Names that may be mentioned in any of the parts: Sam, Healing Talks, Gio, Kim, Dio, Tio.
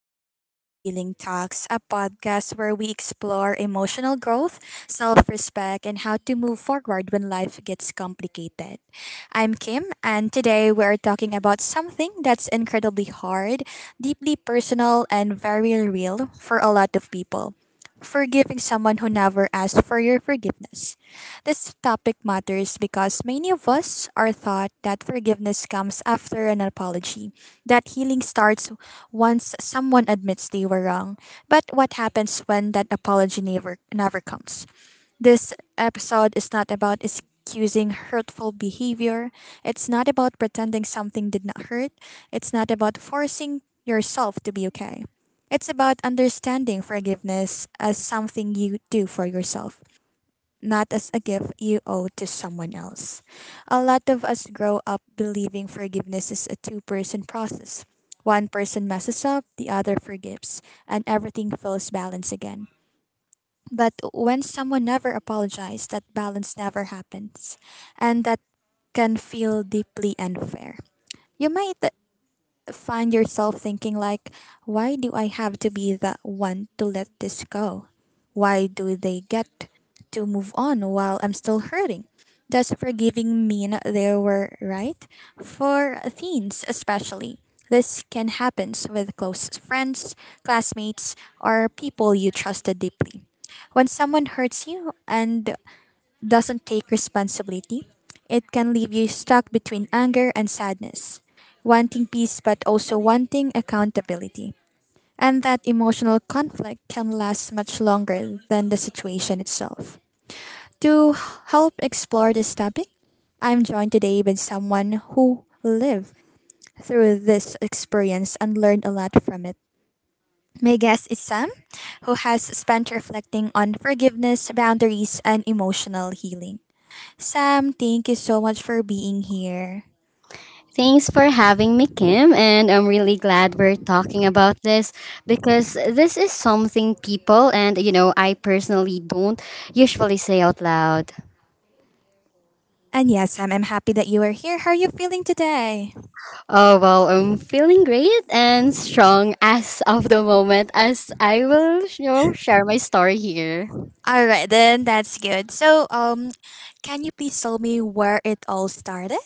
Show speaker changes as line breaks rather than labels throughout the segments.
and welcome to Healing Talks, a podcast where we explore emotional growth, self respect, and how to move forward when life gets complicated. I'm Kim, and today we're talking about something that's incredibly hard, deeply personal, and very real for a lot of people forgiving someone who never asked for your forgiveness. This topic matters because many of us are taught that forgiveness comes after an apology, that healing starts once someone admits they were wrong. But what happens when that apology never comes? This episode is not about excusing hurtful behavior. It's not about pretending something did not hurt. It's not about forcing yourself to be okay. It's about understanding forgiveness as something you do for yourself, not as a gift you owe to someone else. A lot of us grow up believing forgiveness is a two-person process. One person messes up, the other forgives, and everything feels balanced again. But when someone never apologizes, that balance never happens, and that can feel deeply unfair. You might find yourself thinking, like, why do I have to be the one to let this go? Why do they get to move on while I'm still hurting? Does forgiving mean they were right? For teens especially, this can happen with close friends, classmates, or people you trusted deeply when someone hurts you and doesn't take responsibility. It can leave you stuck between anger and sadness, wanting peace but also wanting accountability. And that emotional conflict can last much longer than the situation itself. To help explore this topic, I'm joined today with someone who lived through this experience and learned a lot from it. My guest is Sam, who has spent reflecting on forgiveness, boundaries, and emotional healing. Sam, thank you so much for being here.
Thanks for having me, Kim. And I'm really glad we're talking about this because this is something people I personally don't usually say out loud.
And yes, Sam, I'm happy that you are here. How are you feeling today?
Oh, well, I'm feeling great and strong as of the moment as I will, share my story here.
All right, then that's good. So, can you please tell me where it all started?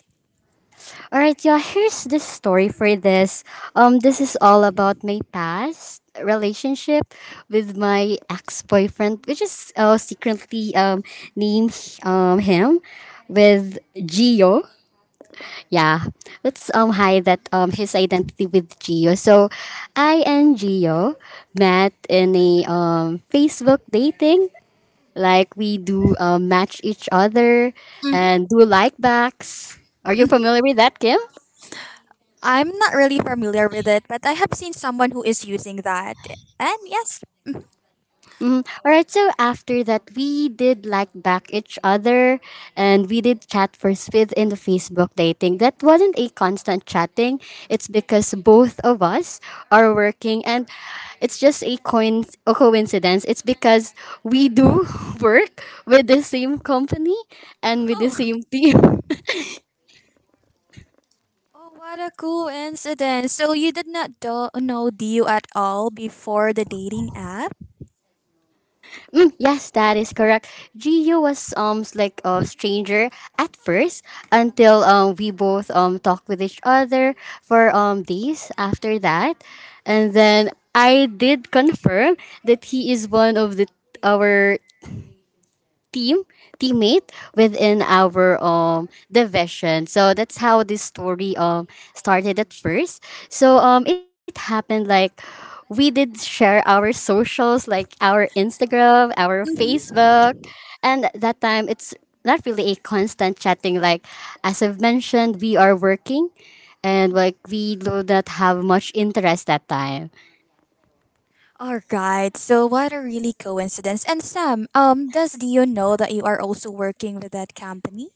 All right, yeah, here's the story for this. This is all about my past relationship with my ex-boyfriend, which is secretly named him with Gio. Yeah, let's hide that his identity with Gio. So, I and Gio met in a Facebook dating. Like we do match each other
Hmm.
and do like backs. Are you
Hmm.
familiar with that, Kim?
I'm not really familiar with it, but I have seen someone who is using that. And yes,
Mm, all right. So after that, we did like back each other, and we did chat first within the Facebook dating. That wasn't a constant chatting. It's because both of us are working, and it's just a coincidence. It's because we do work with the same company and with the
oh,
same team.
oh, what a coincidence! So you did not do- know Dio at all before the dating app?
Mm, yes, that is correct. Gio was like a stranger at first until we both talked with each other for days after that, and then I did confirm that he is one of the our team teammate within our division. So that's how this story started at first. So it happened like we did share our socials like our Instagram, our
Mhm.
Facebook, and at that time it's not really a constant chatting like as I've mentioned, we are working and like we do not have much interest that time.
All right. So what a really coincidence. And Sam, does Dio know that you are also working with that company?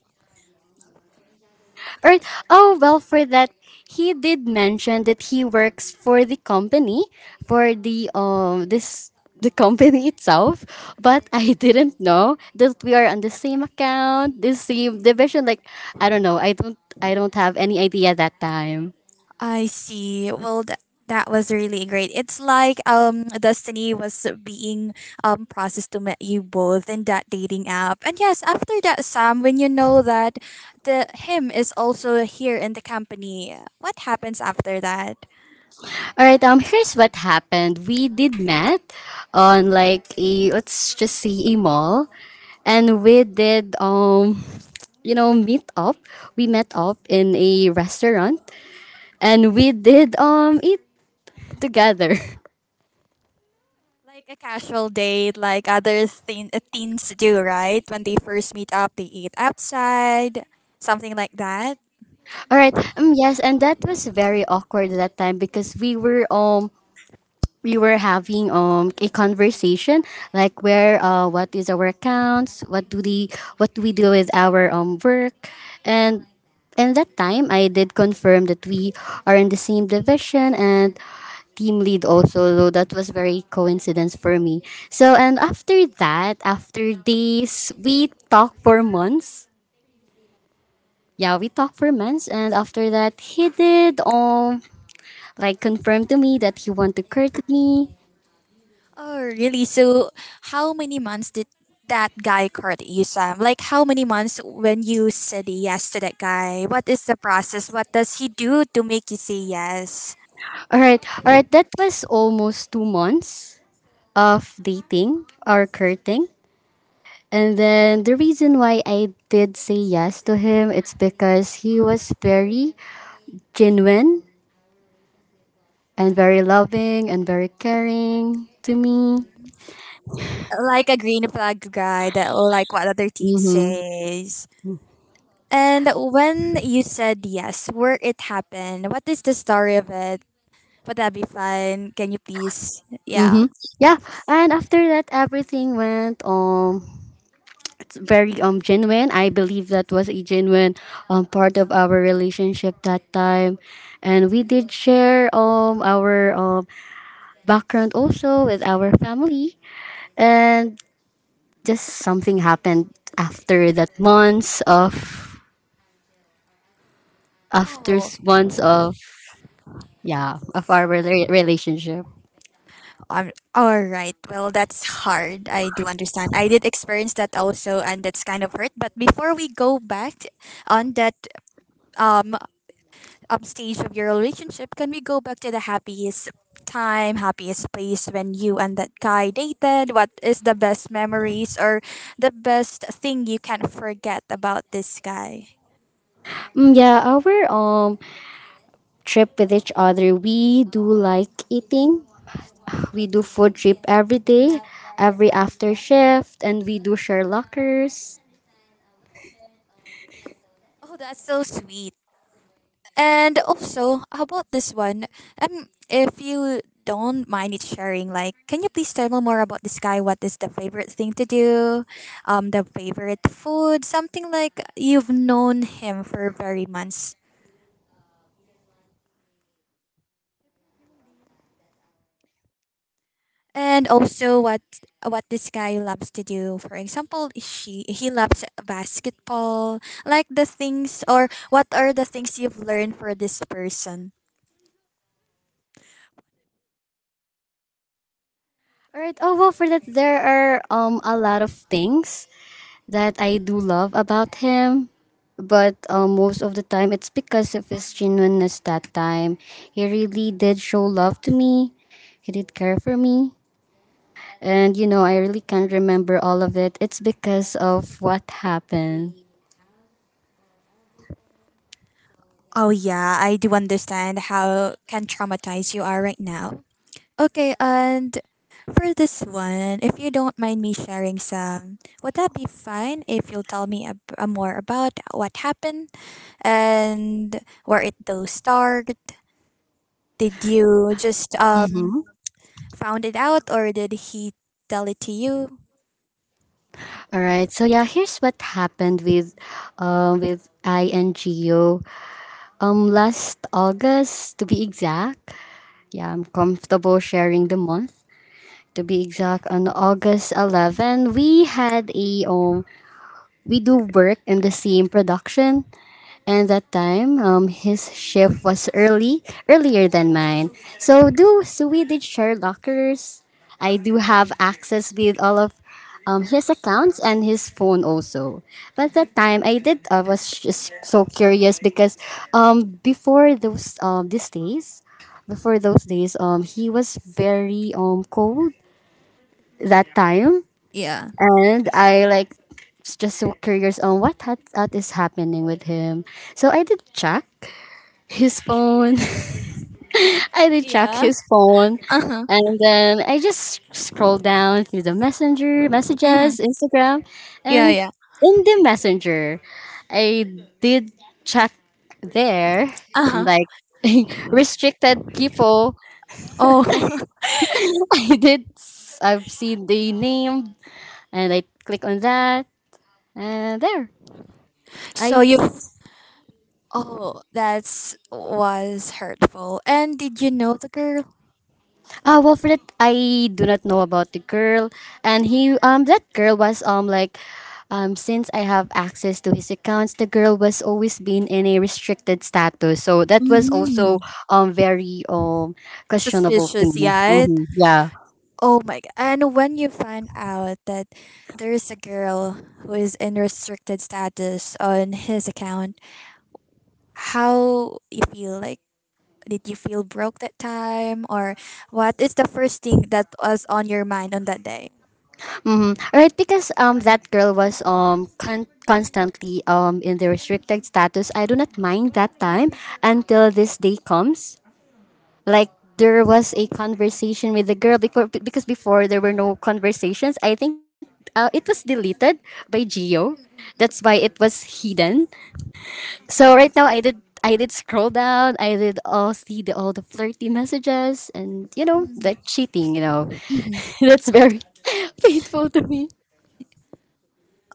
Or oh well, for that, he did mention that he works for the company for the company itself, but I didn't know that we are on the same account, the same
Mm.
division. Like I don't know, I don't have any idea that time.
I see. Well, that was really great. It's like, Destiny was being processed to meet you both in that dating app. And yes, after that, Sam, when you know that the him is also here in the company, what happens after that?
All right, here's what happened. We did met on like, a let's just say, a mall, and we did meet up. We met up in a restaurant and we did eat together.
Like a casual date, like other teen, teens do, right? When they first meet up, they eat outside, something like that.
All right. Yes, and that was very awkward that time because we were having a conversation like where what is our accounts, what do we do with our work and and that time I did confirm that we are in the same division and team lead also, so that was very coincidence for me. So, and after that, after days we talked for months. Yeah, we talked for months, and after that, he did like confirm to me that he want to court me.
Oh, really? So, how many months did that guy court you, Sam? Like, how many months when you said yes to that guy? What is the process? What does he do to make you say yes?
All right, that was almost 2 months of dating or courting, and then the reason why I did say yes to him, it's because he was very genuine and very loving and very caring to me.
Like a green flag guy that like what other teen
Mm-hmm.
says. And when you said yes, where it happened, what is the story of it? Would that be fun? Can you please? Yeah.
Mm-hmm. Yeah, and after that, everything went very genuine. I believe that was a genuine part of our relationship that time, and we did share our background also with our family, and just something happened after that months
Oh.
months of yeah of our relationship.
All right. Well, that's hard. I do understand. I did experience that also, and that's kind of hurt. But before we go back on that um, stage of your relationship, can we go back to the happiest time, happiest place when you and that guy dated? What is the best memories or the best thing you can not forget about this guy?
Mm, yeah, our trip with each other, we do like eating. We do food trip every day, every after shift, and we do share lockers.
Oh, that's so sweet. And also, how about this one? If you don't mind it sharing, like, can you please tell me more about this guy? What is the favorite thing to do? The favorite food, something like you've known him for very months. And also, what this guy loves to do? For example, she he loves basketball. Like the things, or what are the things you've learned for this person?
All right. Oh well, for that, there are a lot of things that I do love about him, but most of the time it's because of his genuineness. That time he really did show love to me. He did care for me, and I really can't remember all of it. It's because of what happened.
Oh yeah, I do understand how can traumatize you are right now. Okay, and for this one, if you don't mind me sharing some, would that be fine if you'll tell me more about what happened and where it though started? Did you just found it out or did he tell it to you?
All right. So yeah, here's what happened with INGO. Last August to be exact. Yeah, I'm comfortable sharing the month. To be exact, on August 11, we had a we do work in the same production. And that time, his shift was earlier than mine. So do so we did share lockers. I do have access with all of his accounts and his phone also. But that time I was just so curious because before those these days, before those days he was very cold that time,
Yeah.
and I like just so curious on what is happening with him. So I did check his phone. I did check
Yeah.
his phone,
Uh-huh.
and then I just scrolled down through the messenger
Mm-hmm.
messages, Instagram,
Yeah,
and
yeah.
in the messenger, I did check there and
Uh-huh.
like. Restricted people.
Oh.
I've seen the name and I click on that and there I...
So you— oh, that's was hurtful. And did you know the girl?
Well, for that, I do not know about the girl, and he that girl was like since I have access to his accounts, the girl was always been in a restricted status, so that was also
Mm-hmm.
very questionable to
Suspicious,
me.
yeah.
Mm-hmm. Yeah.
Oh my god. And when you find out that there is a girl who is in restricted status on his account, how you feel like did you feel broke that time or what is the first thing that was on your mind on that day?
Mm-hmm. Right, because that girl was constantly in the restricted status. I do not mind that time until this day comes, like there was a conversation with the girl before, because before there were no conversations. I think it was deleted by Geo, that's why it was hidden. So right now I did scroll down, I did all see all the flirty messages, and
Mm-hmm.
the cheating,
Mm-hmm.
that's very painful to me.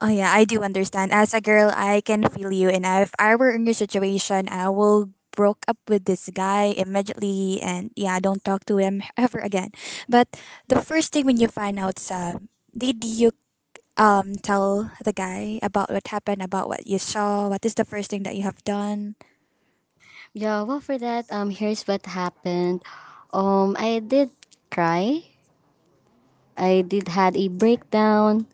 Oh yeah, I do understand. As a girl, I can feel you. And if I were in your situation, I will broke up with this guy immediately, and yeah, don't talk to him ever again. But the first thing when you find out, did you tell the guy about what happened, about what you saw? What is the first thing that you have done?
Yeah, well, for that, here's what happened. I did cry, I did had a breakdown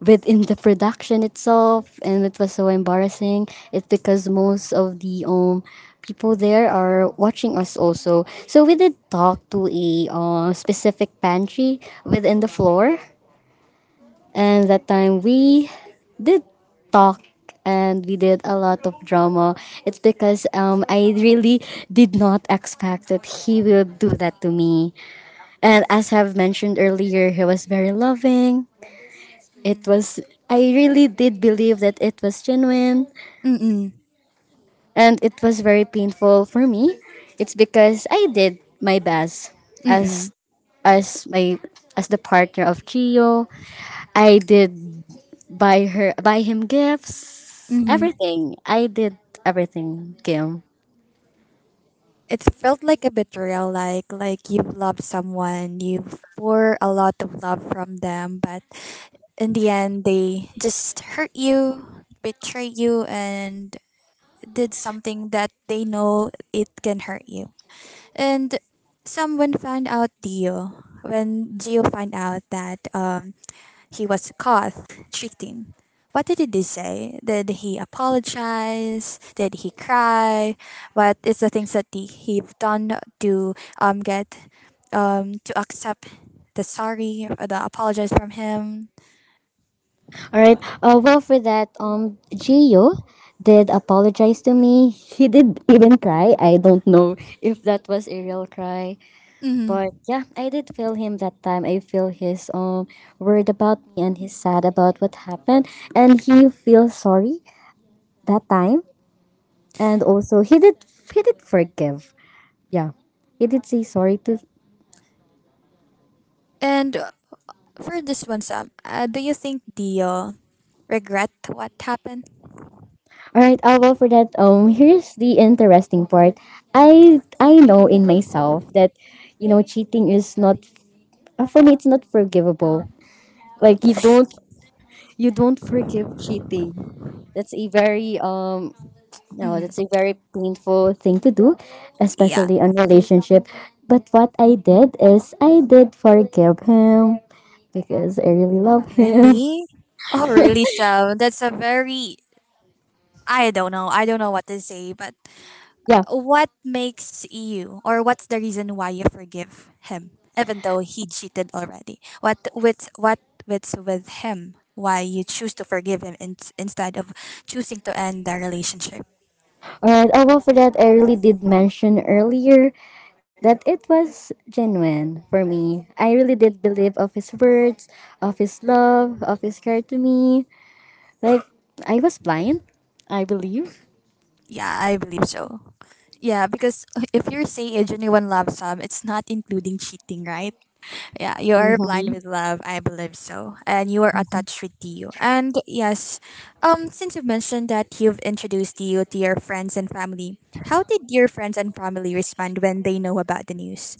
within the production itself, and it was so embarrassing. It's because most of the people there are watching us also. So we did talk to a specific pantry within the floor, and that time we did talk and we did a lot of drama. It's because I really did not expect that he will do that to me, and as I've mentioned earlier, he was very loving. It was, I really did believe that it was genuine,
Mm mm
and it was very painful for me. It's because I did my best
mm
as as my as the partner of Gio. I did buy him gifts,
mm mm
everything. I did everything, Kim.
It felt like a betrayal, like you've loved someone, you've pour a lot of love from them, but in the end they just hurt you, betray you and did something that they know it can hurt you. And someone found out Dio when Gio found out that he was caught cheating. What did he say? Did he apologize? Did he cry? What is the things that he done to get to accept the sorry or the apologize from him?
All right. Well, for that, Gio did apologize to me. He did even cry. I don't know if that was a real cry,
Mm-hmm.
but yeah, I did feel him that time. I feel his worried about me, and he's sad about what happened, and he feels sorry that time. And also he did forgive. Yeah. He did say sorry to...
And for this one, Sam, do you think the regret what happened?
Alright, well, for that, here's the interesting part. I know in myself that cheating is not for me, it's not forgivable. Like you don't forgive cheating. That's a very no,
Mm-hmm.
that's a very painful thing to do,
Yeah.
especially on relationship. But what I did is I did forgive him because I really
Oh
love him.
really? Oh really, Sam? That's a very— I don't know. I don't know what to say, but—
Yeah.
what makes you, or what's the reason why you forgive him, even though he cheated already? What's with him? Why you choose to forgive him instead of choosing to end the relationship?
All right. Oh well, for that, I really did mention earlier that it was genuine for me. I really did believe of his words, of his love, of his care to me. Like I was blind, I believe.
Yeah, I believe so. Yeah, because if you're saying a genuine love some, it's not including cheating, right? Yeah, you are blind
Mm-hmm.
with love. I believe so. And you are attached with Tio. And yes, since you've mentioned that you've introduced Tio to your friends and family, how did your friends and family respond when they know about the news?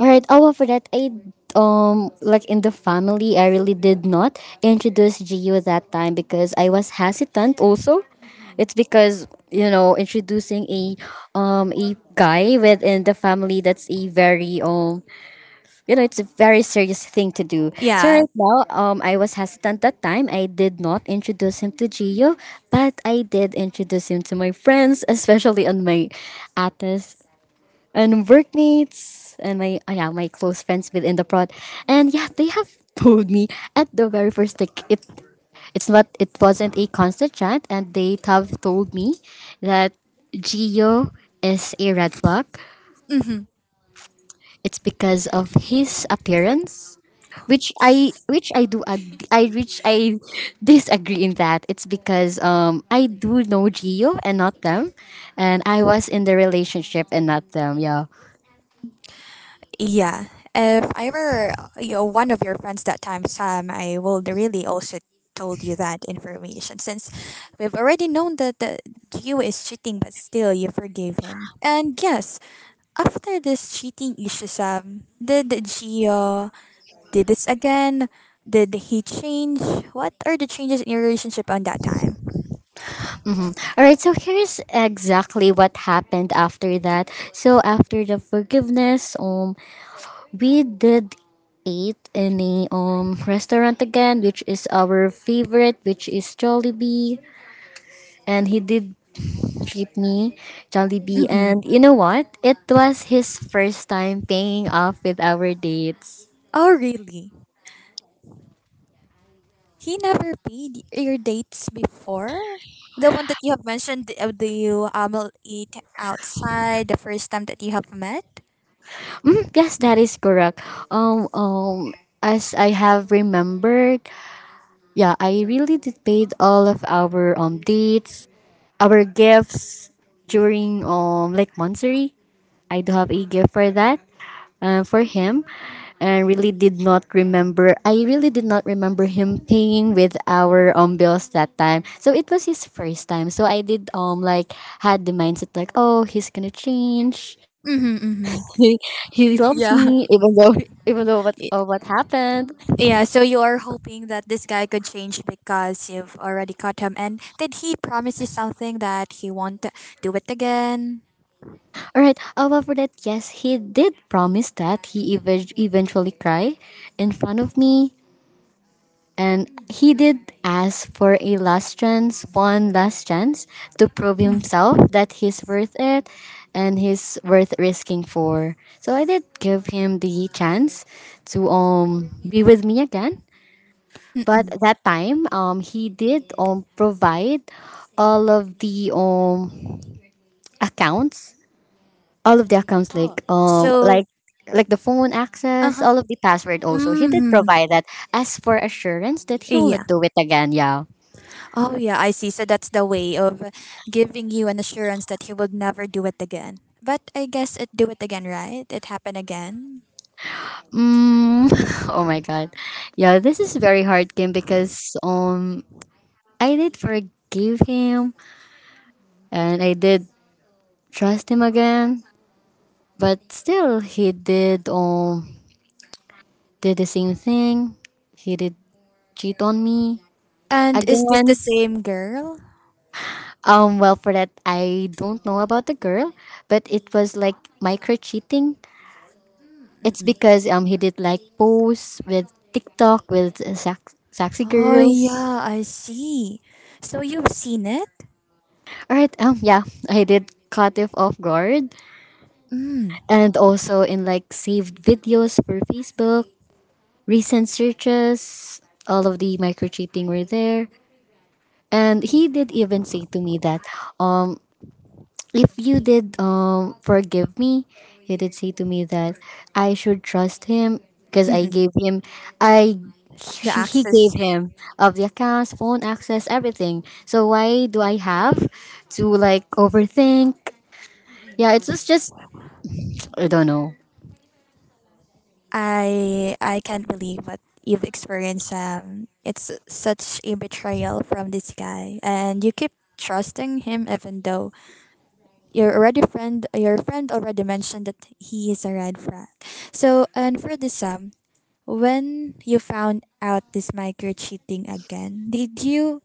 Alright, oh, well, for that, I like in the family, I really did not introduce Gio that time because I was hesitant. Also,
Mm-mm.
it's because introducing a guy within the family, that's a very it's a very serious thing to do. So
Yeah.
right now, I was hesitant that time. I did not introduce him to Gio, but I did introduce him to my friends, especially on my atas and workmates and my yeah, my close friends within the prod, and yeah, they have told me at the very first, like it it wasn't a constant chat, and they have told me that Gio is a red flag.
Hmm.
It's because of his appearance, which I do ag- I which I disagree in that. It's because I do know Gio and not them, and I was in the relationship and not them. Yeah.
Yeah. If I were, you know, one of your friends that time, Sam, I would really also told you that information since we've already known that the Gio is cheating, but still you forgave him. And yes, after this cheating issue, Sam, did Gio did this again? Did he change? What are the changes in your relationship on that time?
Mhm. All right, so here's exactly what happened after that. So after the forgiveness, we did eat in a restaurant again, which is our favorite, which is Jollibee, and he did treat me Jollibee,
Mm-mm.
and you know what? It was his first time paying off with our dates.
Oh, really? He never paid your dates before? The one that you have mentioned, the, eat outside the first time that you have met?
Mm, yes, that is correct. Um, um, as I have remembered, yeah, I really did paid all of our dates, our gifts during like Monthsary. I do have a gift for that for him, and really did not remember. I really did not remember him paying with our bills that time. So it was his first time. So I did like had the mindset like, oh, he's gonna change.
Mm-hmm, mm-hmm.
he he loves
Yeah.
me even though, even though what of what happened.
Yeah, so you are hoping that this guy could change because you've already caught him. And did he promise you something that he won't do it again?
All right. Well, for that, yes, he did promise that he eventually cry in front of me, and
Mhm.
he did ask for a last chance, one last chance to prove himself that he's worth it, and he's worth risking for. So I did give him the chance to be with me again, but
Mm-mm.
that time he did provide all of the accounts, all of the accounts,
Oh. So,
like the phone
uh
access,
huh.
all of the password. Also he did
Hmm.
provide that as for assurance that he will
Yeah.
not do it again. Yeah.
Oh, yeah, I see. So that's the way of giving you an assurance that he will never do it again. But I guess it do it again, right? It happened again.
Mm, oh my god. Yeah, this is very hard game because I did forgive him and I did trust him again, but still he did the same thing. He did cheat on me
And is this the
again.
same girl?
Well, for that, I don't know about the girl, but it was like micro cheating. It's
Mm-mm.
because he did like posts with TikTok with sexy
Oh,
girls.
yeah, I see. So you've seen it?
All right, yeah, I did caught him off guard,
Mm.
and also in like saved videos for Facebook, recent searches, all of the micro cheating were there, and he did even say to me that um if you did forgive me, you did say to me that I should trust him because I
Mm-mm,
gave him, I
the
she, he gave
access.
him of the accounts, phone access, everything. So why do I have to like overthink?
Mm-mm.
Yeah, it's just, I don't know.
I can't believe what you've experienced. It's such a betrayal from this guy, and you keep trusting him even though your friend already mentioned that he is a red flag. So and for this when you found out this micro cheating again, did you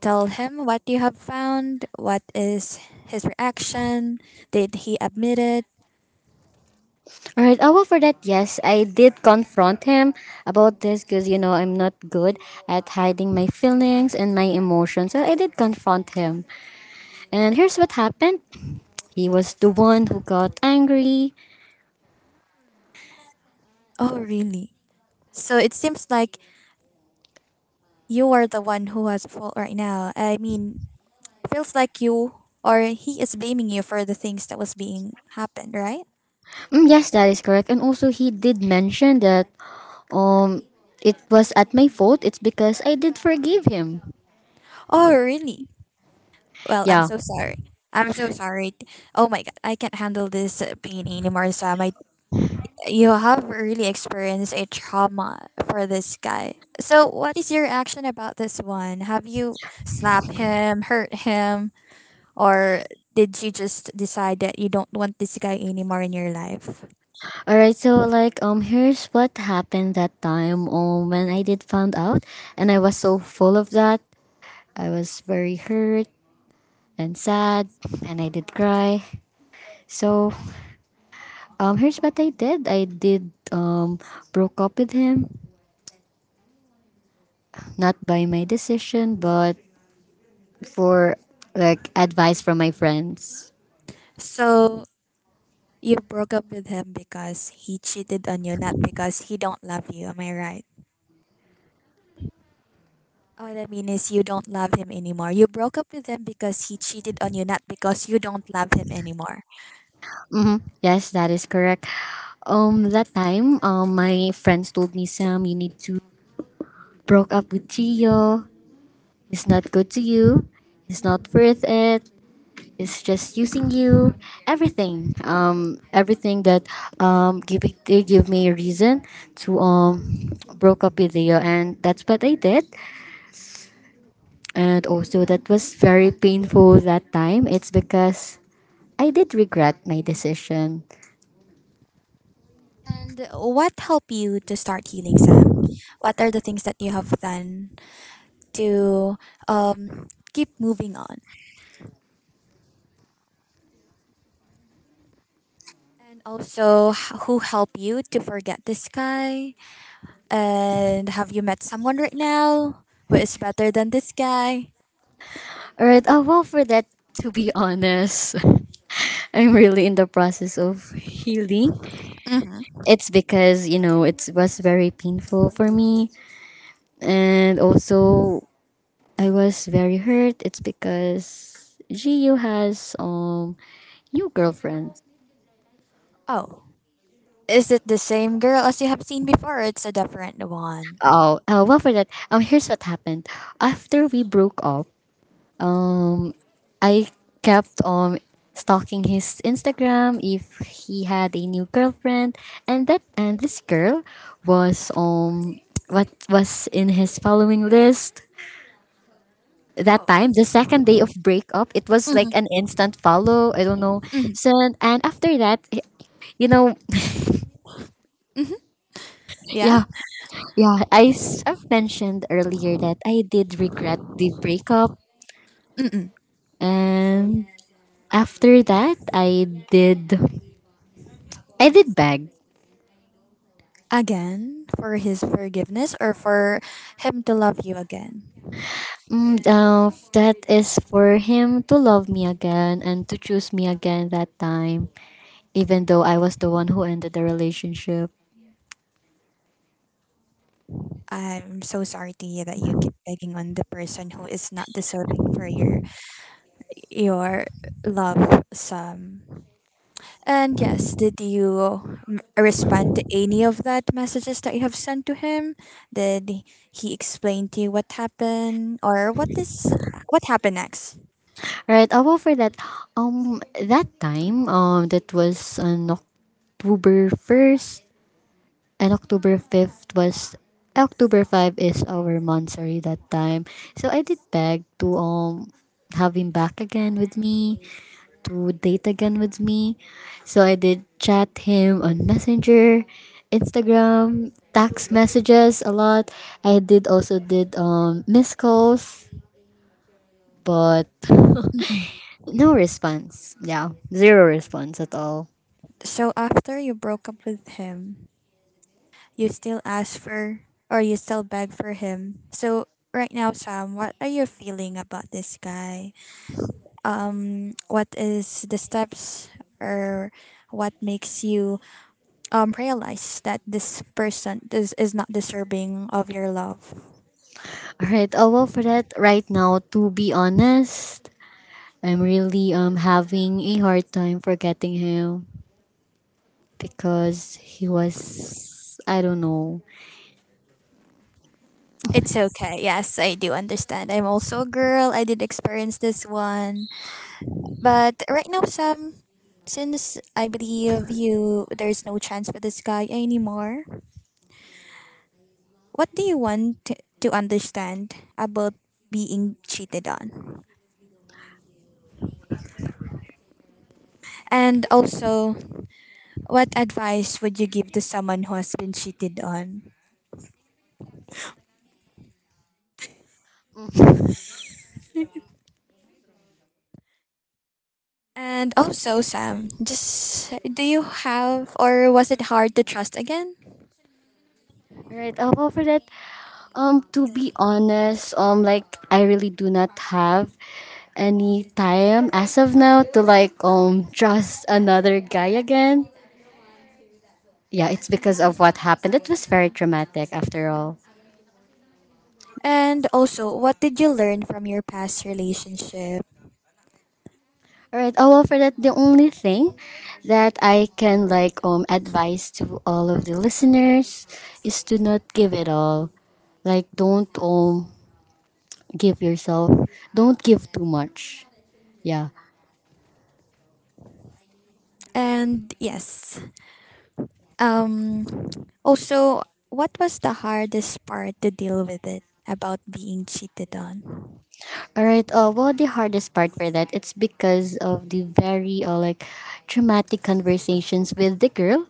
tell him what you have found? What is his reaction? Did he admit it?
All right. Oh well, for that, yes, I did confront him about this because, you know, I'm not good at hiding my feelings and my emotions. So I did confront him, and here's what happened. He was the one who got angry.
Oh really? So it seems like you are the one who has fault right now. I mean, feels like you or he is blaming you for the things that was being happened, right?
Mm, yes, that is correct. And also, he did mention that um, it was at my fault. It's because I did forgive him.
Oh, really? Well, I'm
Yeah.
so sorry. I'm so sorry. Oh my god, I can't handle this pain anymore, Sam. I, you have really experienced a trauma for this guy. So, what is your action about this one? Have you slapped him, hurt him, or did you just decide that you don't want this guy anymore in your life?
All right. So like, here's what happened that time. When I did found out, and I was so full of that. I was very hurt and sad, and I did cry. So here's what I did. I did broke up with him, not by my decision, but for like advice from my friends.
So you broke up with him because he cheated on you, not because he don't love you. Am I right? What I mean is you don't love him anymore. You broke up with him because he cheated on you, not because you don't love him anymore.
Mm-hmm. Yes, that is correct. That time, my friends told me, Sam, you need to broke up with Gio. It's not good to you. It's not worth it. It's just using you. Everything. Everything that give it, they give me a reason to broke up with Gio, and that's what I did. And also that was very painful that time. It's because I did regret my decision.
And what helped you to start healing, Sam? What are the things that you have done to keep moving on? And also, who helped you to forget this guy? And have you met someone right now who is better than this guy?
Alright, well, for that, to be honest, I'm really in the process of healing.
Hmm.
It's because, you know, it was very painful for me. And also, I was very hurt. It's because Jiu has new girlfriend.
Oh, is it the same girl as you have seen before? Or it's a different one.
Oh, well, for that, here's what happened. After we broke up, Um, I kept on stalking his Instagram if he had a new girlfriend, and that and this girl was what was in his following list that
Oh,
time. The second day of breakup, it was like
hmm,
an instant follow, I don't know. So and after that, you know.
yeah.
Yeah, yeah, I've mentioned earlier that I did regret the breakup,
Mm-mm.
and after that I did beg.
Again, for his forgiveness or for him to love you again.
Mm, that is for him to love me again and to choose me again that time, even though I was the one who ended the relationship.
I'm so sorry to you that you keep begging on the person who is not deserving for your love. Some. And yes, did you respond to any of that messages that you have sent to him? Did he explain to you what happened or what happened next?
Right, I'll go for that. That time, that was on October 1st, and October 5th was, October 5 is our monthsary that time. So I did beg to have him back again with me, to date again with me. So I did chat him on Messenger, Instagram, text messages a lot. I did also did missed calls, but
Mm-mm.
no response. Yeah, zero response at all.
So after you broke up with him, you still ask for or you still beg for him. So right now, Sam, what are you feeling about this guy? What is the steps or what makes you realize that this person is not deserving of your love.
All right. Oh well, for that right now, to be honest, I'm really having a hard time forgetting him because he was, I don't know.
It's okay. Yes, I do understand. I'm also a girl. I did experience this one. But right now, Sam, since I believe you, there's no chance for this guy anymore, what do you want to understand about being cheated on? And also, what advice would you give to someone who has been cheated on? And also, Sam, just do you have or was it hard to trust again?
All right. Oh well, for that, to be honest, like I really do not have any time as of now to like trust another guy again. Yeah, it's because of what happened. It was very traumatic after all.
And also, what did you learn from your past relationship?
Alright, oh well for that, the only thing that I can like advise to all of the listeners is to not give it all. Like, don't give yourself, don't give too much. Yeah.
And yes, um, also, what was the hardest part to deal with it about being cheated on?
All right. Well, the hardest part for that, it's because of the very like traumatic conversations with the girl.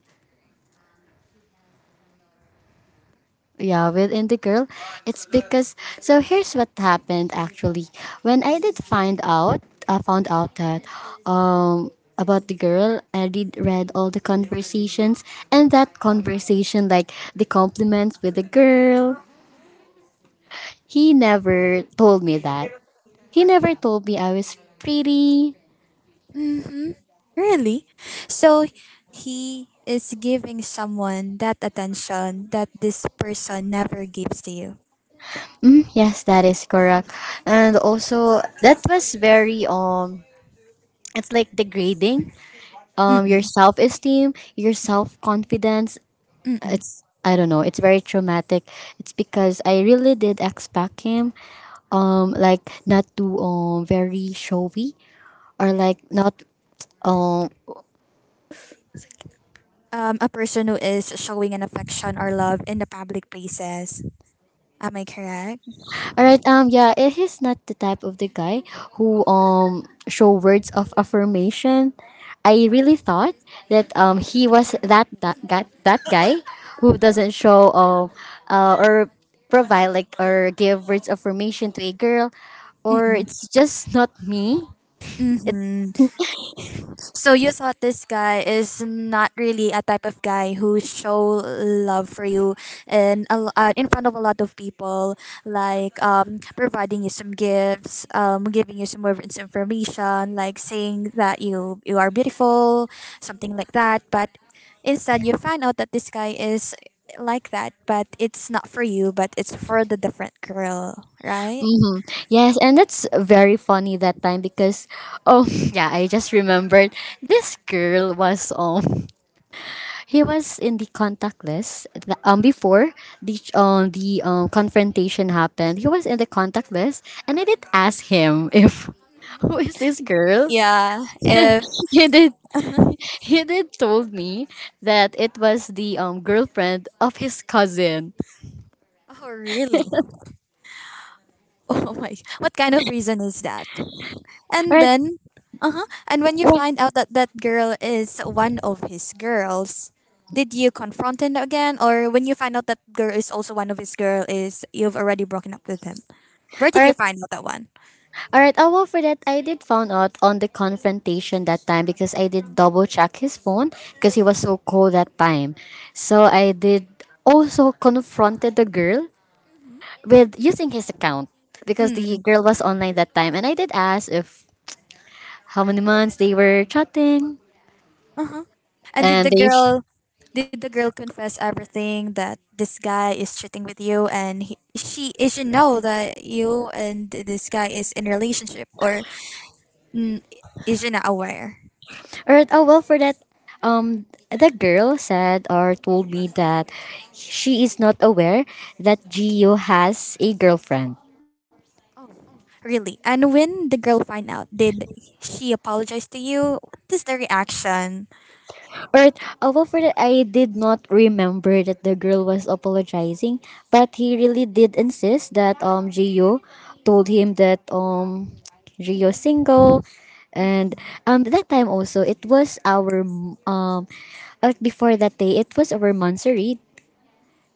Yeah, within the girl, it's because, so here's what happened actually. When I did find out, I found out that about the girl, I did read all the conversations, and that conversation like the compliments with the girl. He never told me that. He never told me I was pretty.
Mm-hmm. Really? So he is giving someone that attention that this person never gives to you.
Mm, yes, that is correct. And also, that was very it's like degrading. Your
Mm-mm.
self esteem, your self confidence. It's, I don't know. It's very traumatic. It's because I really did expect him, like not too very showy or like not um
A person who is showing an affection or love in the public places. Am I correct?
Alright, yeah, it is not the type of the guy who show words of affirmation. I really thought that he was that guy who doesn't show or provide like or give words of affirmation to a girl, or
Mm-mm.
it's just not me. It,
Mm-hmm. So you thought this guy is not really a type of guy who show love for you and in front of a lot of people, like providing you some gifts, giving you some more information, like saying that you are beautiful, something like that. But instead, you find out that this guy is like that, but it's not for you, but it's for the different girl, right?
hmm. Yes, and that's very funny that time because, oh, yeah, I just remembered, this girl was He was in the contact list, before the confrontation happened. He was in the contact list, and I did ask him if, who is this girl.
Yeah. If
He did he did told me that it was the girlfriend of his cousin.
Oh, really? Oh my, what kind of reason is that?
All
And
right.
then, uh huh. And when you find out that that girl is one of his girls, did you confront him again, or when you find out that girl is also one of his girl, is you've already broken up with him? Where
All
did you
right,
find out that one?
all right. Oh well, for that, I did found out on the confrontation that time because I did double check his phone because he was so cold that time. So I did also confronted the girl with using his account because the
Mm.
girl was online that time, and I did ask if how many months they were chatting,
Uh huh. And did
and
the
they
girl, did the girl confess everything that this guy is cheating with you, and he, she is she know that you and this guy is in relationship, or mm, is she not aware?
or oh well for that, um the girl said or told me that she is not aware that Gio has a girlfriend.
Oh, really? And when the girl find out, did she apologize to you? What is the reaction?
Or although for that I did not remember that the girl was apologizing, but he really did insist that Gio told him that Gio's single, and that time also, it was our um before that day it was our monthsary,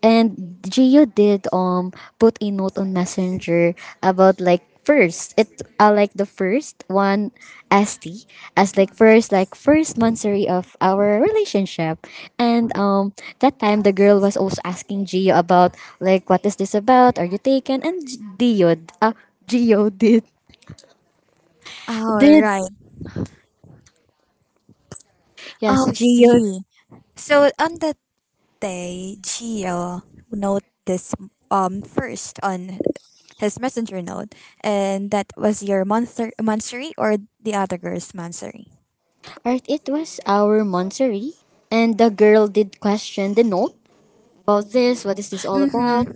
and Gio did put a note on Messenger about like first it like the first one, ST, as
Mhm.
like first monthsary of our relationship, and that time the girl was also asking Gio about like what is this about, are you taken, and Gio, Gio
All
did
right.
yes,
Oh, I
Gio.
see. So on that day, Gio noticed first on his messenger note, and that was your monstery or the other girl's monstery.
Or it was our monthsary, and the girl did question the note about, this? What is this all
Mm-hmm.
about?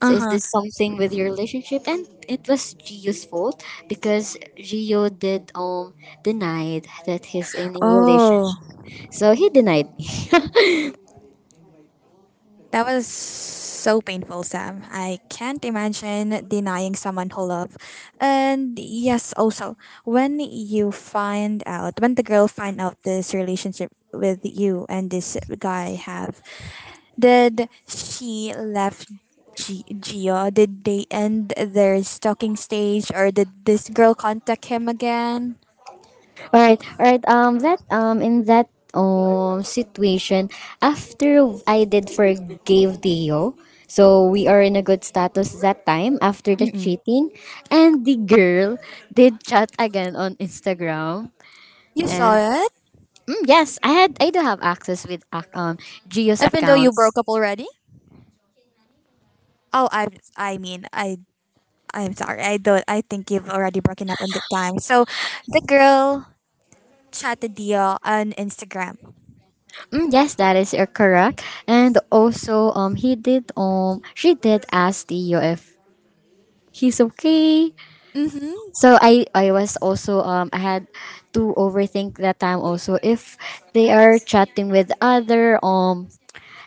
Uh
So is
huh.
this something with your relationship? And it was Gio's fault because Gio did denied that he's in a
Oh.
relationship. So he denied me.
That was so painful, Sam. I can't imagine denying someone who love. And yes, also, when the girl find out this relationship with you and this guy have, did she left Gio? Did they end their stalking stage or did this girl contact him again?
All right, that in that situation, after I did forgave Dio, so we are in a good status that time after the
Mm-mm.
cheating, and the girl did chat again on Instagram,
You saw
and
it?
Mm, yes, I had, I do have access with Gio's
Even though you broke
accounts.
up already? Oh, I mean, I'm sorry. I don't. I think you've already broken up on the time. So, the girl chatted Dio on Instagram.
Mm, yes, that is correct. And also he did she did ask Tio if he's okay.
Mm-hmm.
So I was also I had to overthink that time also if they are chatting with other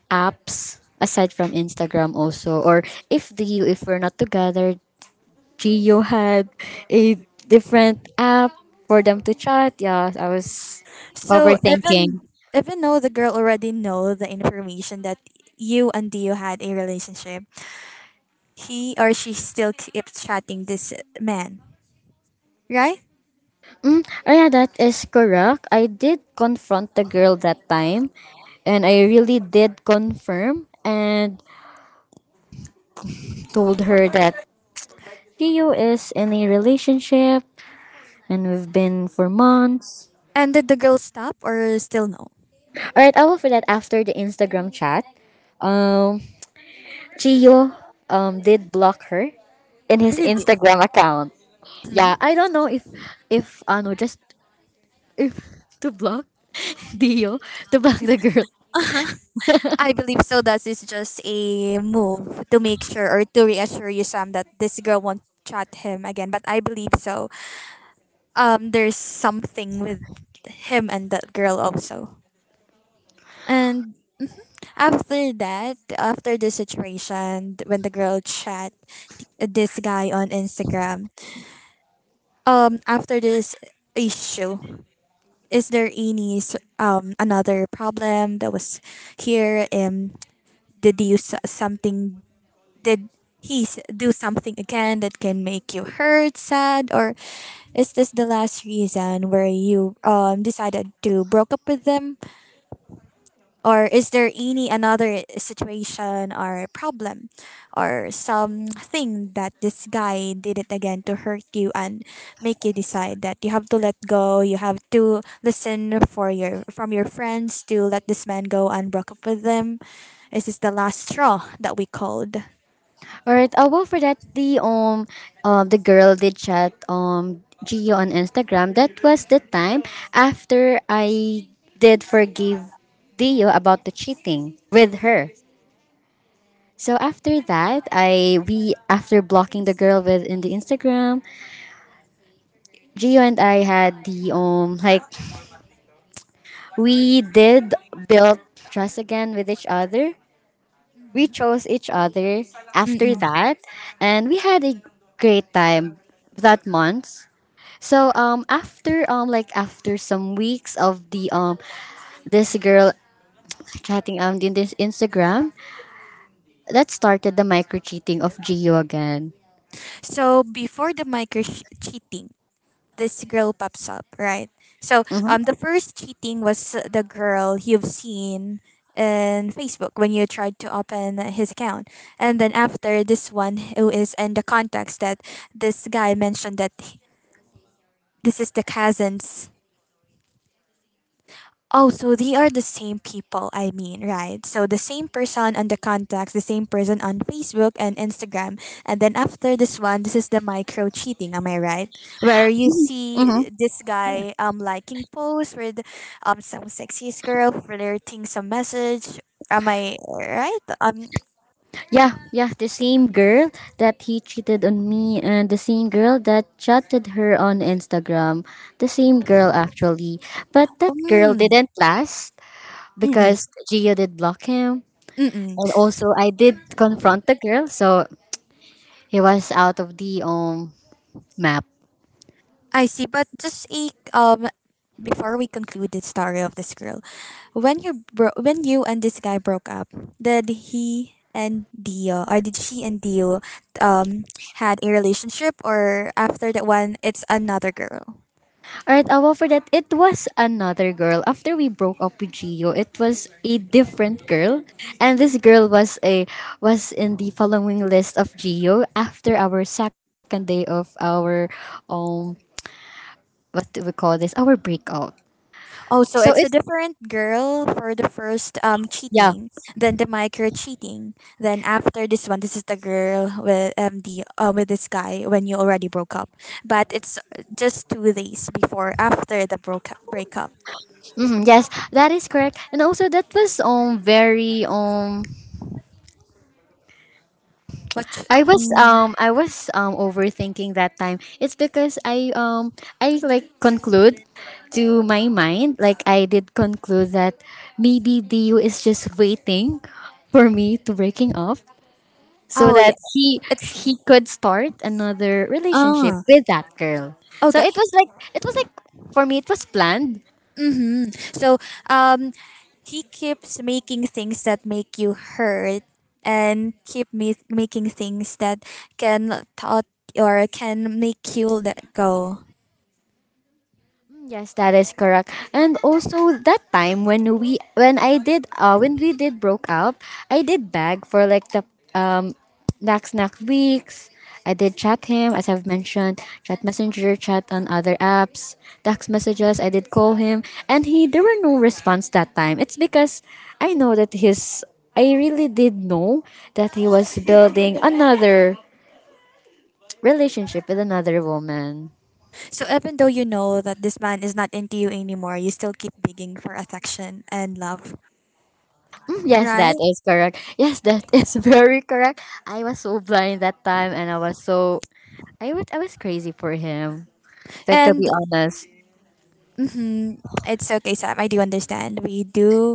apps aside from Instagram also, or if the if we're not together, Gio had a different app for them to chat. Yeah, I was
So
overthinking.
even though the girl already know the information that you and Dio had a relationship, he or she still keeps chatting this man, right?
Mm, oh yeah, that is correct. I did confront the girl that time, and I really did confirm and told her that Gio is in a relationship, and we've been for months.
And did the girl stop or still no?
All right, I will for that after the Instagram chat. Um, Gio did block her in his
Really?
Instagram account.
Mhm.
Yeah, I don't know if ano just if to block Dio to block the girl.
I believe so. That is just a move to make sure or to reassure you, Sam, that this girl won't chat him again. But I believe so. There's something with him and that girl also. And after that, after the situation, when the girl chat this guy on Instagram, after this issue, is there any another problem that was here? Did you s- something Did he do something again that can make you hurt, sad, or is this the last reason where you decided to broke up with them, or is there any another situation or problem, or something that this guy did it again to hurt you and make you decide that you have to let go, you have to listen for your from your friends to let this man go and broke up with them? Is this the last straw that we called?
Alright, well for that, the girl did chat Gio on Instagram. That was the time after I did forgive Dio about the cheating with her. So after that, I we after blocking the girl with in the Instagram, Gio and I had the like we did build trust again with each other. We chose each other after
Mm-hmm.
that, and we had a great time that month. So after like after some weeks of the this girl chatting in this Instagram, that started the micro cheating of Gio again.
So before the micro cheating, this girl pops up, right? So
Mm-hmm.
the first cheating was the girl you've seen in Facebook when you tried to open his account, and then after this one, who is in the contacts that this guy mentioned that this is the cousin's. Oh, so they are the same people, I mean, right? So the same person on the contacts, the same person on Facebook and Instagram. And then after this one, this is the micro cheating, am I right? Where you
Mm-hmm.
see this guy liking posts with some sexiest girl flirting some message. Am I right?
Yeah, the same girl that he cheated on me, and the same girl that chatted her on Instagram, the same girl actually. But that girl
Mm,
didn't last
mm-mm,
because Gio did block him.
mm-mm.
And also, I did confront the girl, so he was out of the map.
I see, but just a before we conclude the story of this girl, when you and this guy broke up, did she and Dio um had a relationship or after that one it's another girl?
Alright, well, for that, it was another girl. After we broke up with Gio, it was a different girl, and this girl was a was in the following list of Gio after our second day of our um what do we call this? Our breakup.
Oh, so
So
it's
it
a different girl for the first
Yeah,
cheating, then the micro cheating, then after this one, this is the girl with the with this guy when you already broke up, but it's just 2 days before after the broke breakup.
yes, that is correct. And also, that was very
What? Mm.
I was overthinking that time. It's because I I like conclude to my mind, like, I did conclude that maybe Dio is just waiting for me to breaking up so
Oh, yeah,
that he
it's
he could start another relationship
ah
with that girl. So it was like, it was like, for me it was planned.
mm-hmm. So um, he keeps making things that make you hurt, and keep making things that can thought or can make you let go.
Yes, that is correct. And also that time when we when I did when we did broke up, I did beg for like the um next weeks. I did chat him, as I've mentioned, chat messenger, chat on other apps, text messages, I did call him, and he there were no response that time. It's because I know that his I really did know that he was building another relationship with another woman.
So even though you know that this man is not into you anymore, you still keep begging for affection and love,
Yes,
right?
that is correct. Yes, that is very correct. I was so blind that time, and I was so I was crazy for him. Like, to
And
be honest,
hmm It's okay, Sam. I do understand. We do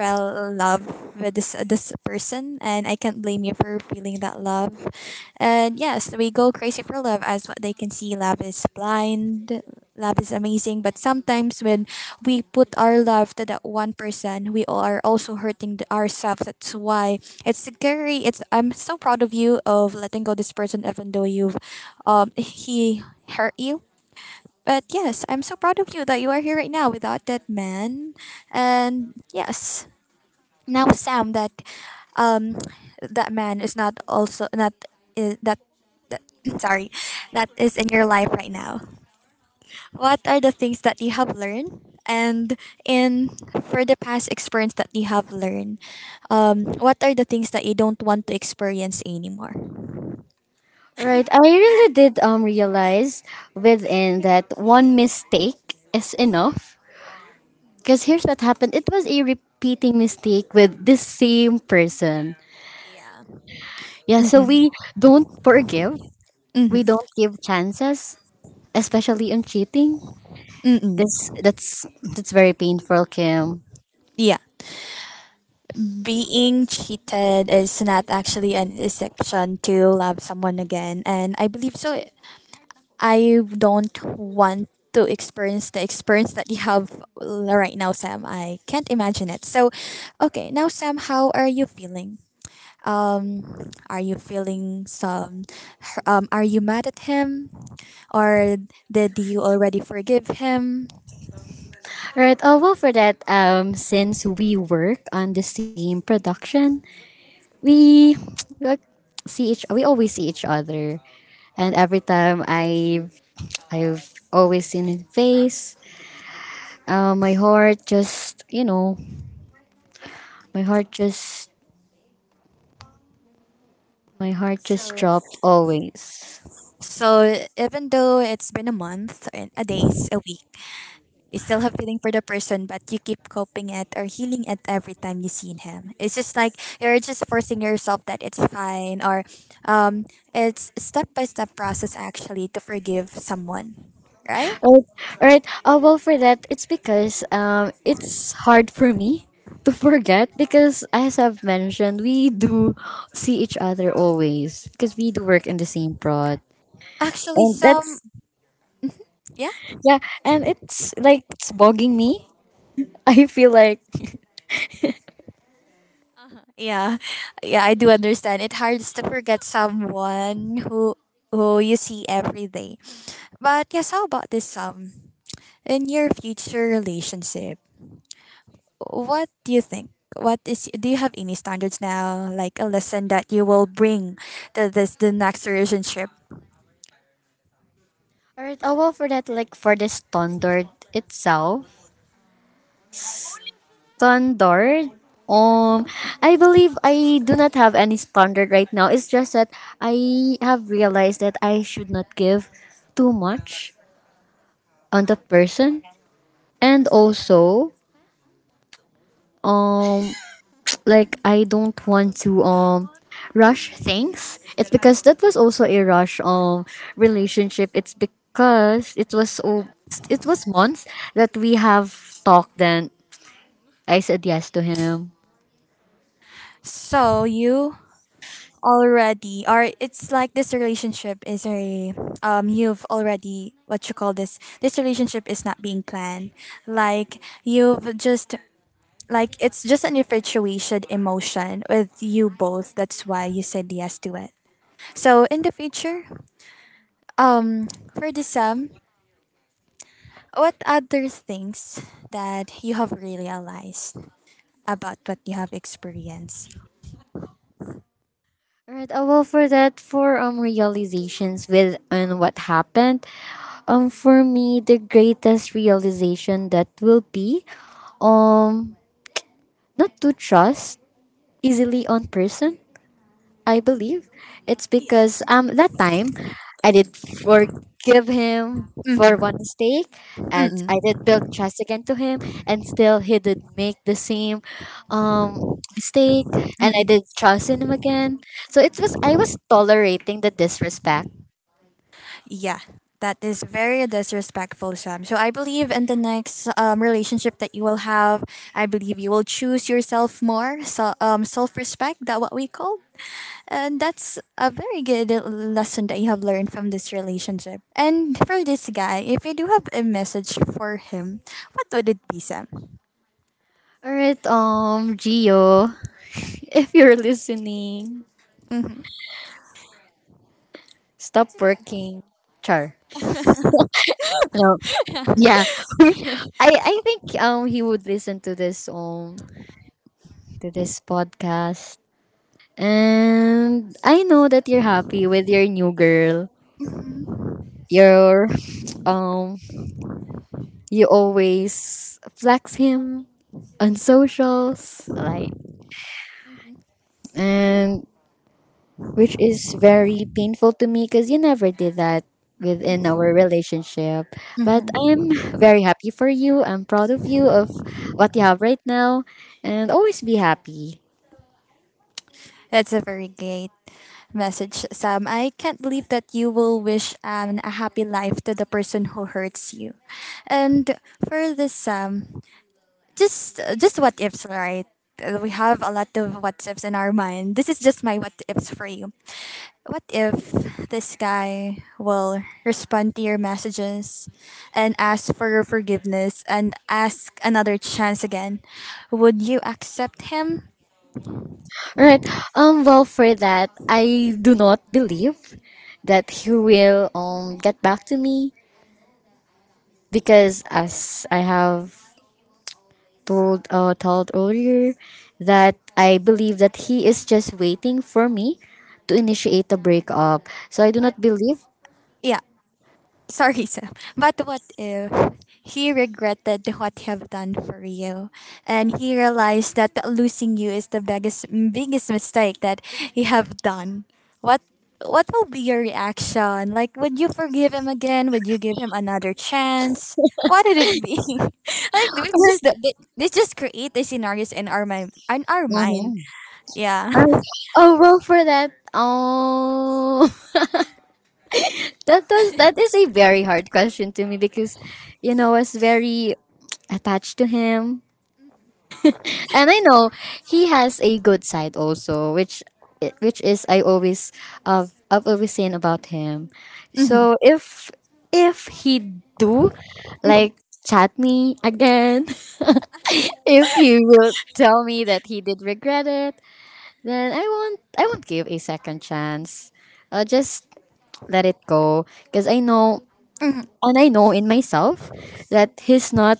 fell in love with this person, and I can't blame you for feeling that love. And yes, we go crazy for love, as what they can see. Love is blind. Love is amazing, but sometimes when we put our love to that one person, we are also hurting ourselves. That's why it's scary. It's I'm so proud of you of letting go this person, even though he hurt you, but yes, I'm so proud of you that you are here right now without that man. And yes, now Sam that um that man is not also not is that that sorry, that is in your life right now. What are the things that you have learned and in for the past experience that you have learned? What are the things that you don't want to experience anymore?
right? I really did realize within that one mistake is enough. Cause here's what happened. It was a repeating mistake with the same person.
Yeah.
Yeah, so
Mm-mm.
we don't forgive. We
Mm-mm.
don't give chances, especially on cheating. This
Mm-mm.
that's very painful, Kim.
Yeah. Being cheated is not actually an exception to love someone again, and I believe so. I don't want to experience the experience that you have right now, Sam. I can't imagine it. So okay, now Sam, how are you feeling? Um are you feeling some um are you mad at him, or did you already forgive him?
Right. Oh well, for that, since we work on the same production, we like see each. We always see each other, and every time I've always seen his face. My heart just, you know, my heart just, my heart just
So
dropped always.
so even though it's been a month and a days a week You still have feeling for the person, but you keep coping it or healing it every time you seen him. It's just like you're just forcing yourself that it's fine, or it's step by step process actually to forgive someone, right?
Right. Right. Well, for that, it's because it's hard for me to forget because, as I've mentioned, we do see each other always because we do work in the same prod,
Actually,
and
some
that's
yeah,
yeah, and it's like it's bugging me. I feel like.
uh-huh, yeah, yeah. I do understand. It hurts to forget someone who you see every day. But yes, how about this? In your future relationship, what do you think? What is do you have any standards now? Like a lesson that you will bring to this the next relationship.
Alright. Well, for that, like for this standard itself, standard um I believe I do not have any standard right now. It's just that I have realized that I should not give too much on the person, and also, um like I don't want to rush things. It's because that was also a rush relationship. It's because it was, oh, it was months that we have talked, then I said yes to him.
So you already, or it's like this relationship is a you've already, what you call, this relationship is not being planned, like you've just like it's just an infatuation emotion with you both, that's why you said yes to it. So in the future, um for the Sam, what other things that you have really realized about what you have experienced?
Right. Well, for that, for realizations with and what happened, for me the greatest realization that will be, um, not to trust easily on person, I believe. It's
Yeah.
because that time I did forgive him for one
Mm-hmm.
mistake, and I
Mm-mm.
did build trust again to him, and still he did make the same um mistake, and I
Mm-mm.
did trust in him again. So it was I was tolerating the disrespect.
Yeah. That is very disrespectful, Sam. So I believe in the next relationship that you will have, I believe you will choose yourself more, so, self-respect, that what we call. And that's a very good lesson that you have learned from this relationship. And for this guy, if you do have a message for him, what would it be, Sam?
Alright, um, Gio, if you're listening,
Mm-hmm.
stop working. Char. No. Yeah. I think he would listen to this podcast. And I know that you're happy with your new girl. You're um you always flex him on socials, like, and which is very painful to me because you never did that within our relationship. But
Mhm.
I'm very happy for you. I'm proud of you of what you have right now, and always be happy.
That's a very great message, Sam. I can't believe that you will wish a happy life to the person who hurts you. And for this, Sam, just what ifs, right? We have a lot of what ifs in our mind. This is just my what ifs for you. What if this guy will respond to your messages and ask for your forgiveness and ask another chance again? Would you accept him?
All right. Well, for that, I do not believe that he will get back to me because as I have told told earlier that I believe that he is just waiting for me to initiate the breakup. So I do
But
not believe.
yeah, sorry, Sam. But what if he regretted what he have done for you, and he realized that losing you is the biggest mistake that he have done? What what will be your reaction? Like, would you forgive him again? Would you give him another chance? What would it be? Like, we just
Alright.
we just create the scenarios in our mind.
Mhm.
Yeah.
Alright. Oh well, for that. Oh, that is a very hard question to me because, you know, I was very attached to him. And I know he has a good side also, which is I always I've always seen about him. So if he do
Mhm.
like chat me again, if he will tell me that he did regret it, then I won't give a second chance. I'll just let it go because I know,
Mhm.
and I know in myself, that he's not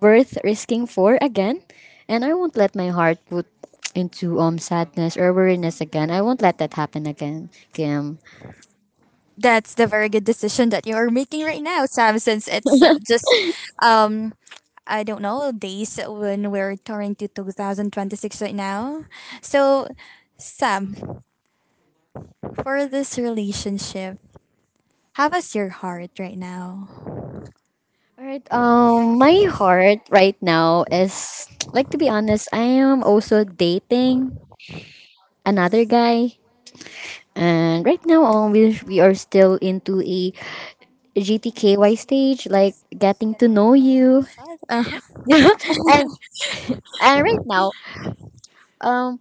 worth risking for again. And I won't let my heart put into sadness or weariness again. I won't let that happen again, Kim.
That's the very good decision that you're making right now, Sam, since it's just, um, I don't know, days when we're turning to 2026 right now. So, Sam, for this relationship, how is your heart right now?
Alright, um, my heart right now is like, to be honest, I am also dating another guy. And right now we are still into a GTKY stage, like, getting to know
Oh,
you.
it's shut. Uh-huh.
and and right now, um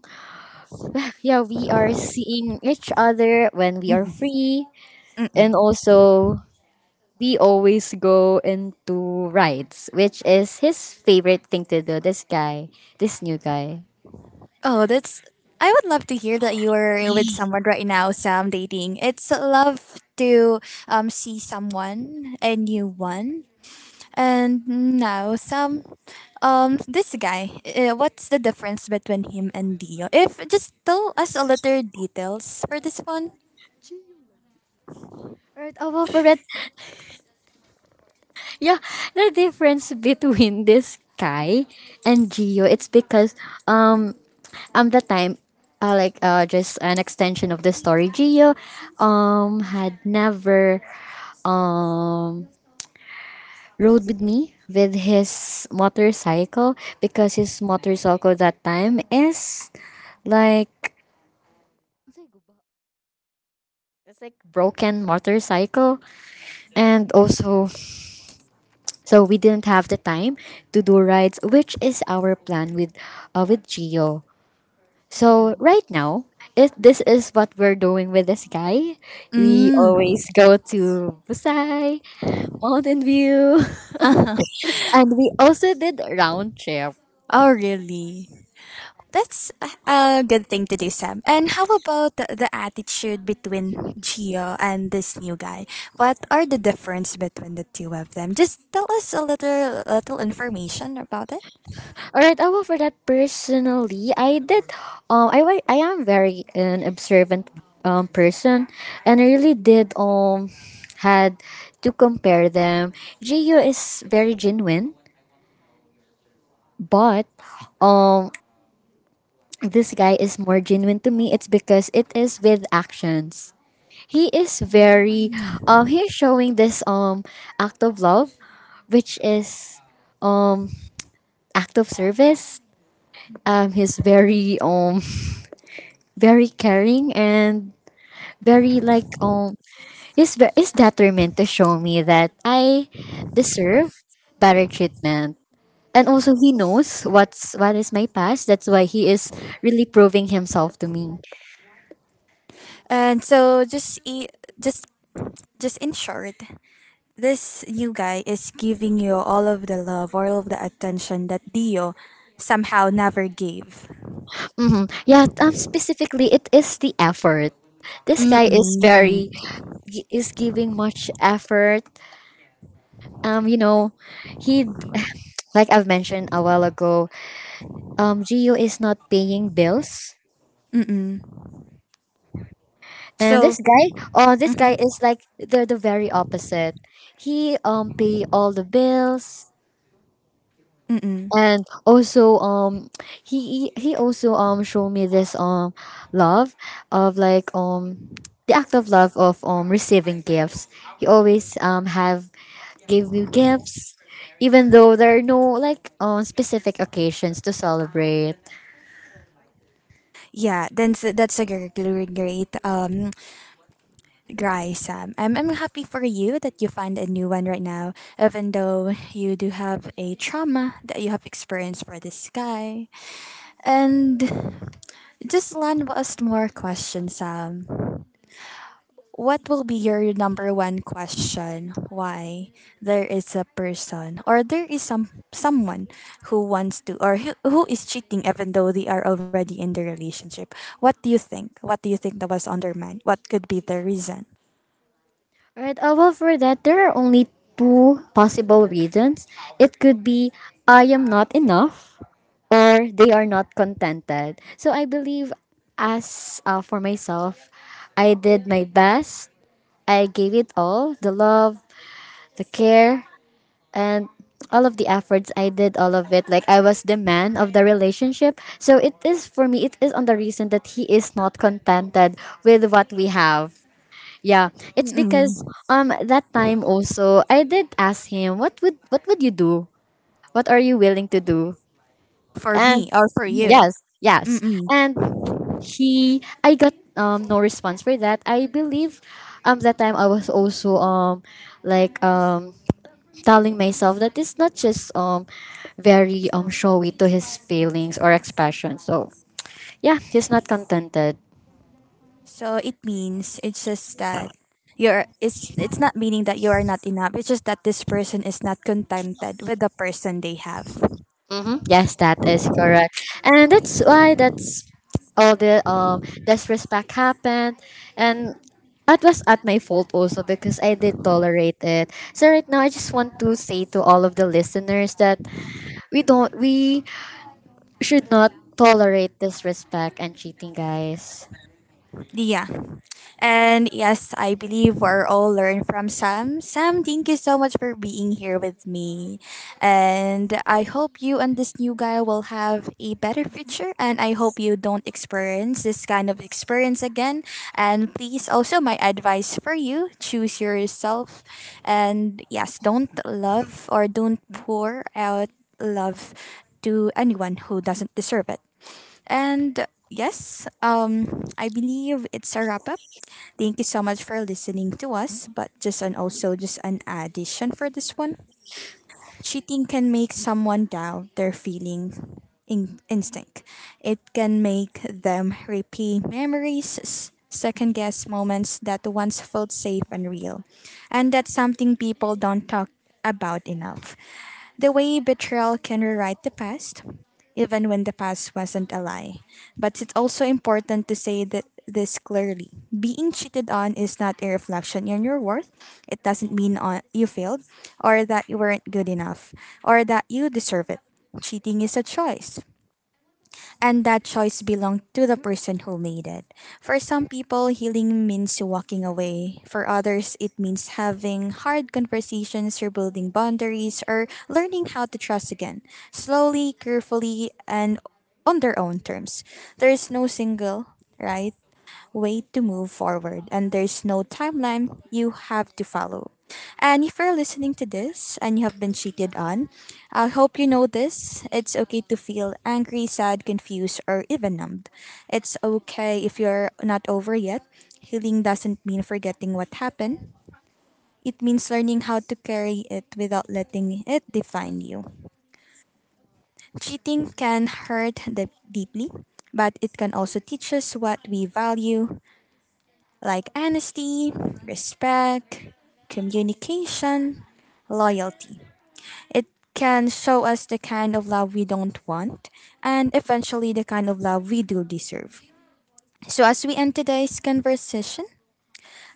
yeah, we are seeing each other when we are free.
Mm.
And also, we always go into rides, which is his favorite thing to do. This guy, this new guy.
Oh, that's. I would love to hear that you are with someone right now, Sam, dating. It's love to see someone, a new one. And now Sam, this guy. What's the difference between him and Dio? If just tell us a little details for this one.
Right, oh, for it. Yeah, the difference between this guy and Gio, it's because um the time like just an extension of the story. Gio had never um rode with me with his motorcycle because his motorcycle that time is like, it's like broken motorcycle, and also, so we didn't have the time to do rides, which is our plan with Gio. So
Mm-mm.
right now, if this is what we're doing with this guy, we
Mm.
always go to Busai, Mountain View,
Uh-huh.
and we also did round trip.
Oh, really? That's a good thing to do, Sam. And how about the attitude between Gio and this new guy? What are the difference between the two of them? Just tell us a little information about it.
All right, I will for that personally. I did. I am very an observant person, and I really did had to compare them. Gio is very genuine, but um this guy is more genuine to me. It's because it is with actions. He is very he is showing this act of love, which is um act of service. He's very very caring and very like he's determined to show me that I deserve better treatment. And also he knows what is my past. That's why he is really proving himself to me.
And so just just just in short, this new guy is giving you all of the love, all of the attention that Dio somehow never gave.
Yeah, um, specifically it is the effort. This guy is
Mm-mm.
very he is giving much effort. You know, he, like I've mentioned a while ago, um, Gio is not paying bills.
Mm-mm.
And
So,
this guy, oh, this guy is like they're the very opposite. He pay all the bills,
mm-mm.
and also he also show me this love of like the act of love of receiving gifts. He always have gave me gifts even though there are no like specific occasions to celebrate.
Yeah, then that's a great Gry Sam. I'm happy for you that you find a new one right now, even though you do have a trauma that you have experienced for this guy. And just land us more questions, Sam. What will be your number one question? Why there is a person or there is some someone who wants to or who is cheating even though they are already in the relationship? What do you think? What do you think that was on their mind? What could be the reason?
Right. Well, for that, there are only two possible reasons. It could be I am not enough, or they are not contented. So I believe, as for myself, I did my best. I gave it all the love, the care, and all of the efforts I did, all of it. Like, I was the man of the relationship. So it is for me, it is on the reason that he is not contented with what we have. Yeah, it's because
Mm-mm.
that time also I did ask him what would you do? What are you willing to do?
For
And
me or for you?
yes, yes.
Mm-mm.
And he I got no response for that. I believe that time I was also like telling myself that it's not just very showy to his feelings or expression. So yeah, he's not contented.
So it means it's just that you're it's not meaning that you are not enough. It's just that this person is not contented with the person they have.
Mm-hmm. Yes, that is correct, and that's why that's all the disrespect happened, and that was at my fault also because I did tolerate it. So right now, I just want to say to all of the listeners that we should not tolerate disrespect and cheating, guys.
Yeah. And yes, I believe we're all learn from Sam. Sam, thank you so much for being here with me. And I hope you and this new guy will have a better future. And I hope you don't experience this kind of experience again. And please, also, my advice for you choose yourself. And yes, don't love or don't pour out love to anyone who doesn't deserve it. And yes, I believe it's a wrap up. Thank you so much for listening to us, but just an also just an addition for this one. Cheating can make someone doubt their feeling instinct. It can make them repeat memories, second guess moments that once felt safe and real. And that's something people don't talk about enough. The way betrayal can rewrite the past, even when the past wasn't a lie. But it's also important to say that this clearly. Being cheated on is not a reflection on your worth. It doesn't mean on, you failed, or that you weren't good enough, or that you deserve it. Cheating is a choice and that choice belonged to the person who made it. For some people, healing means walking away. For others, it means having hard conversations, or building boundaries, or learning how to trust again, slowly, carefully, and on their own terms. There is no single, right? way to move forward and there's no timeline you have to follow. And if you're listening to this and you have been cheated on, I hope you know this. It's okay to feel angry, sad, confused, or even numbed. It's okay if you're not over yet. Healing doesn't mean forgetting what happened. It means learning how to carry it without letting it define you. Cheating can hurt deeply, but it can also teach us what we value, like honesty, respect, communication, loyalty. It can show us the kind of love we don't want and eventually the kind of love we do deserve. So, as we end today's conversation,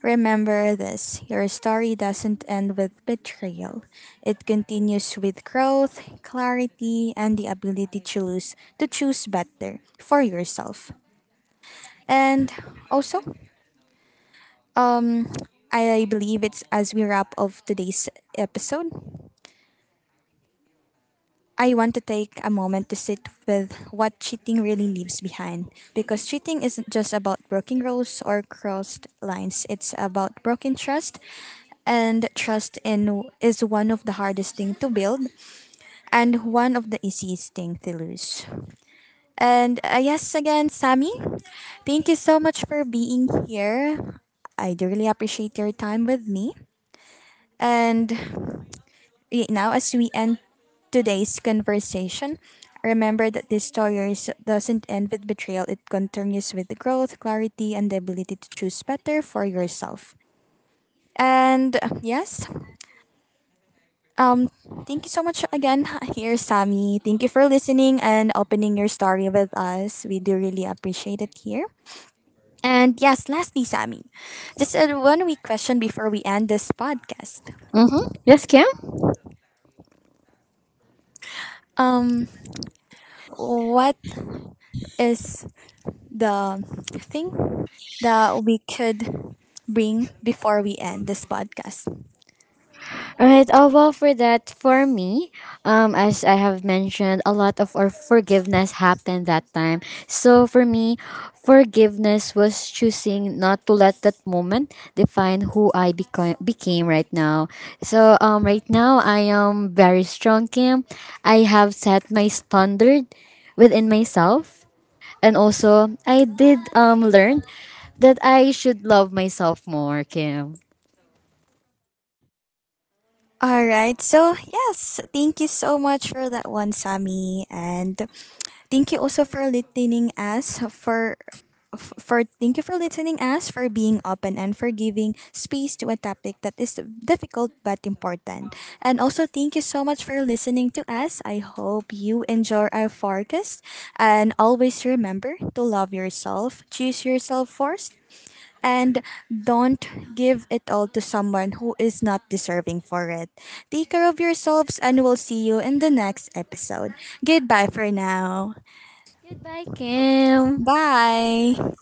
remember this your story doesn't end with betrayal, it continues with growth, clarity, and the ability to choose better for yourself. And also, um, I believe it's as we wrap of today's episode. I want to take a moment to sit with what cheating really leaves behind. Because cheating isn't just about broken rules or crossed lines, it's about broken trust. And trust in is one of the hardest thing to build and one of the easiest thing to lose. And yes, again, Sammy, thank you so much for being here. I do really appreciate your time with me. And now, as we end today's conversation, remember that this stories doesn't end with betrayal. It continues with growth, clarity, and the ability to choose better for yourself. And yes, um, thank you so much again, here, Sammy. Thank you for listening and opening your story with us. We do really appreciate it here. And yes, lastly, Sammy, just a one week question before we end this podcast.
Mm-hmm. Yes, Kim.
Um, what is the thing that we could bring before we end this podcast.
All right. Well, for that, for me, as I have mentioned, a lot of our forgiveness happened that time. So for me, forgiveness was choosing not to let that moment define who I became became right now. So right now I am very strong, Kim. I have set my standard within myself, and also I did learn that I should love myself more, Kim.
All right. So, yes, thank you so much for that one, Sammy. And thank you also for listening us for for thank you for listening us for being open and for giving space to a topic that is difficult but important. And also thank you so much for listening to us. I hope you enjoy our forecast and always remember to love yourself, choose yourself first and don't give it all to someone who is not deserving for it. Take care of yourselves and we'll see you in the next episode. Goodbye for now.
Goodbye, Kim.
Bye.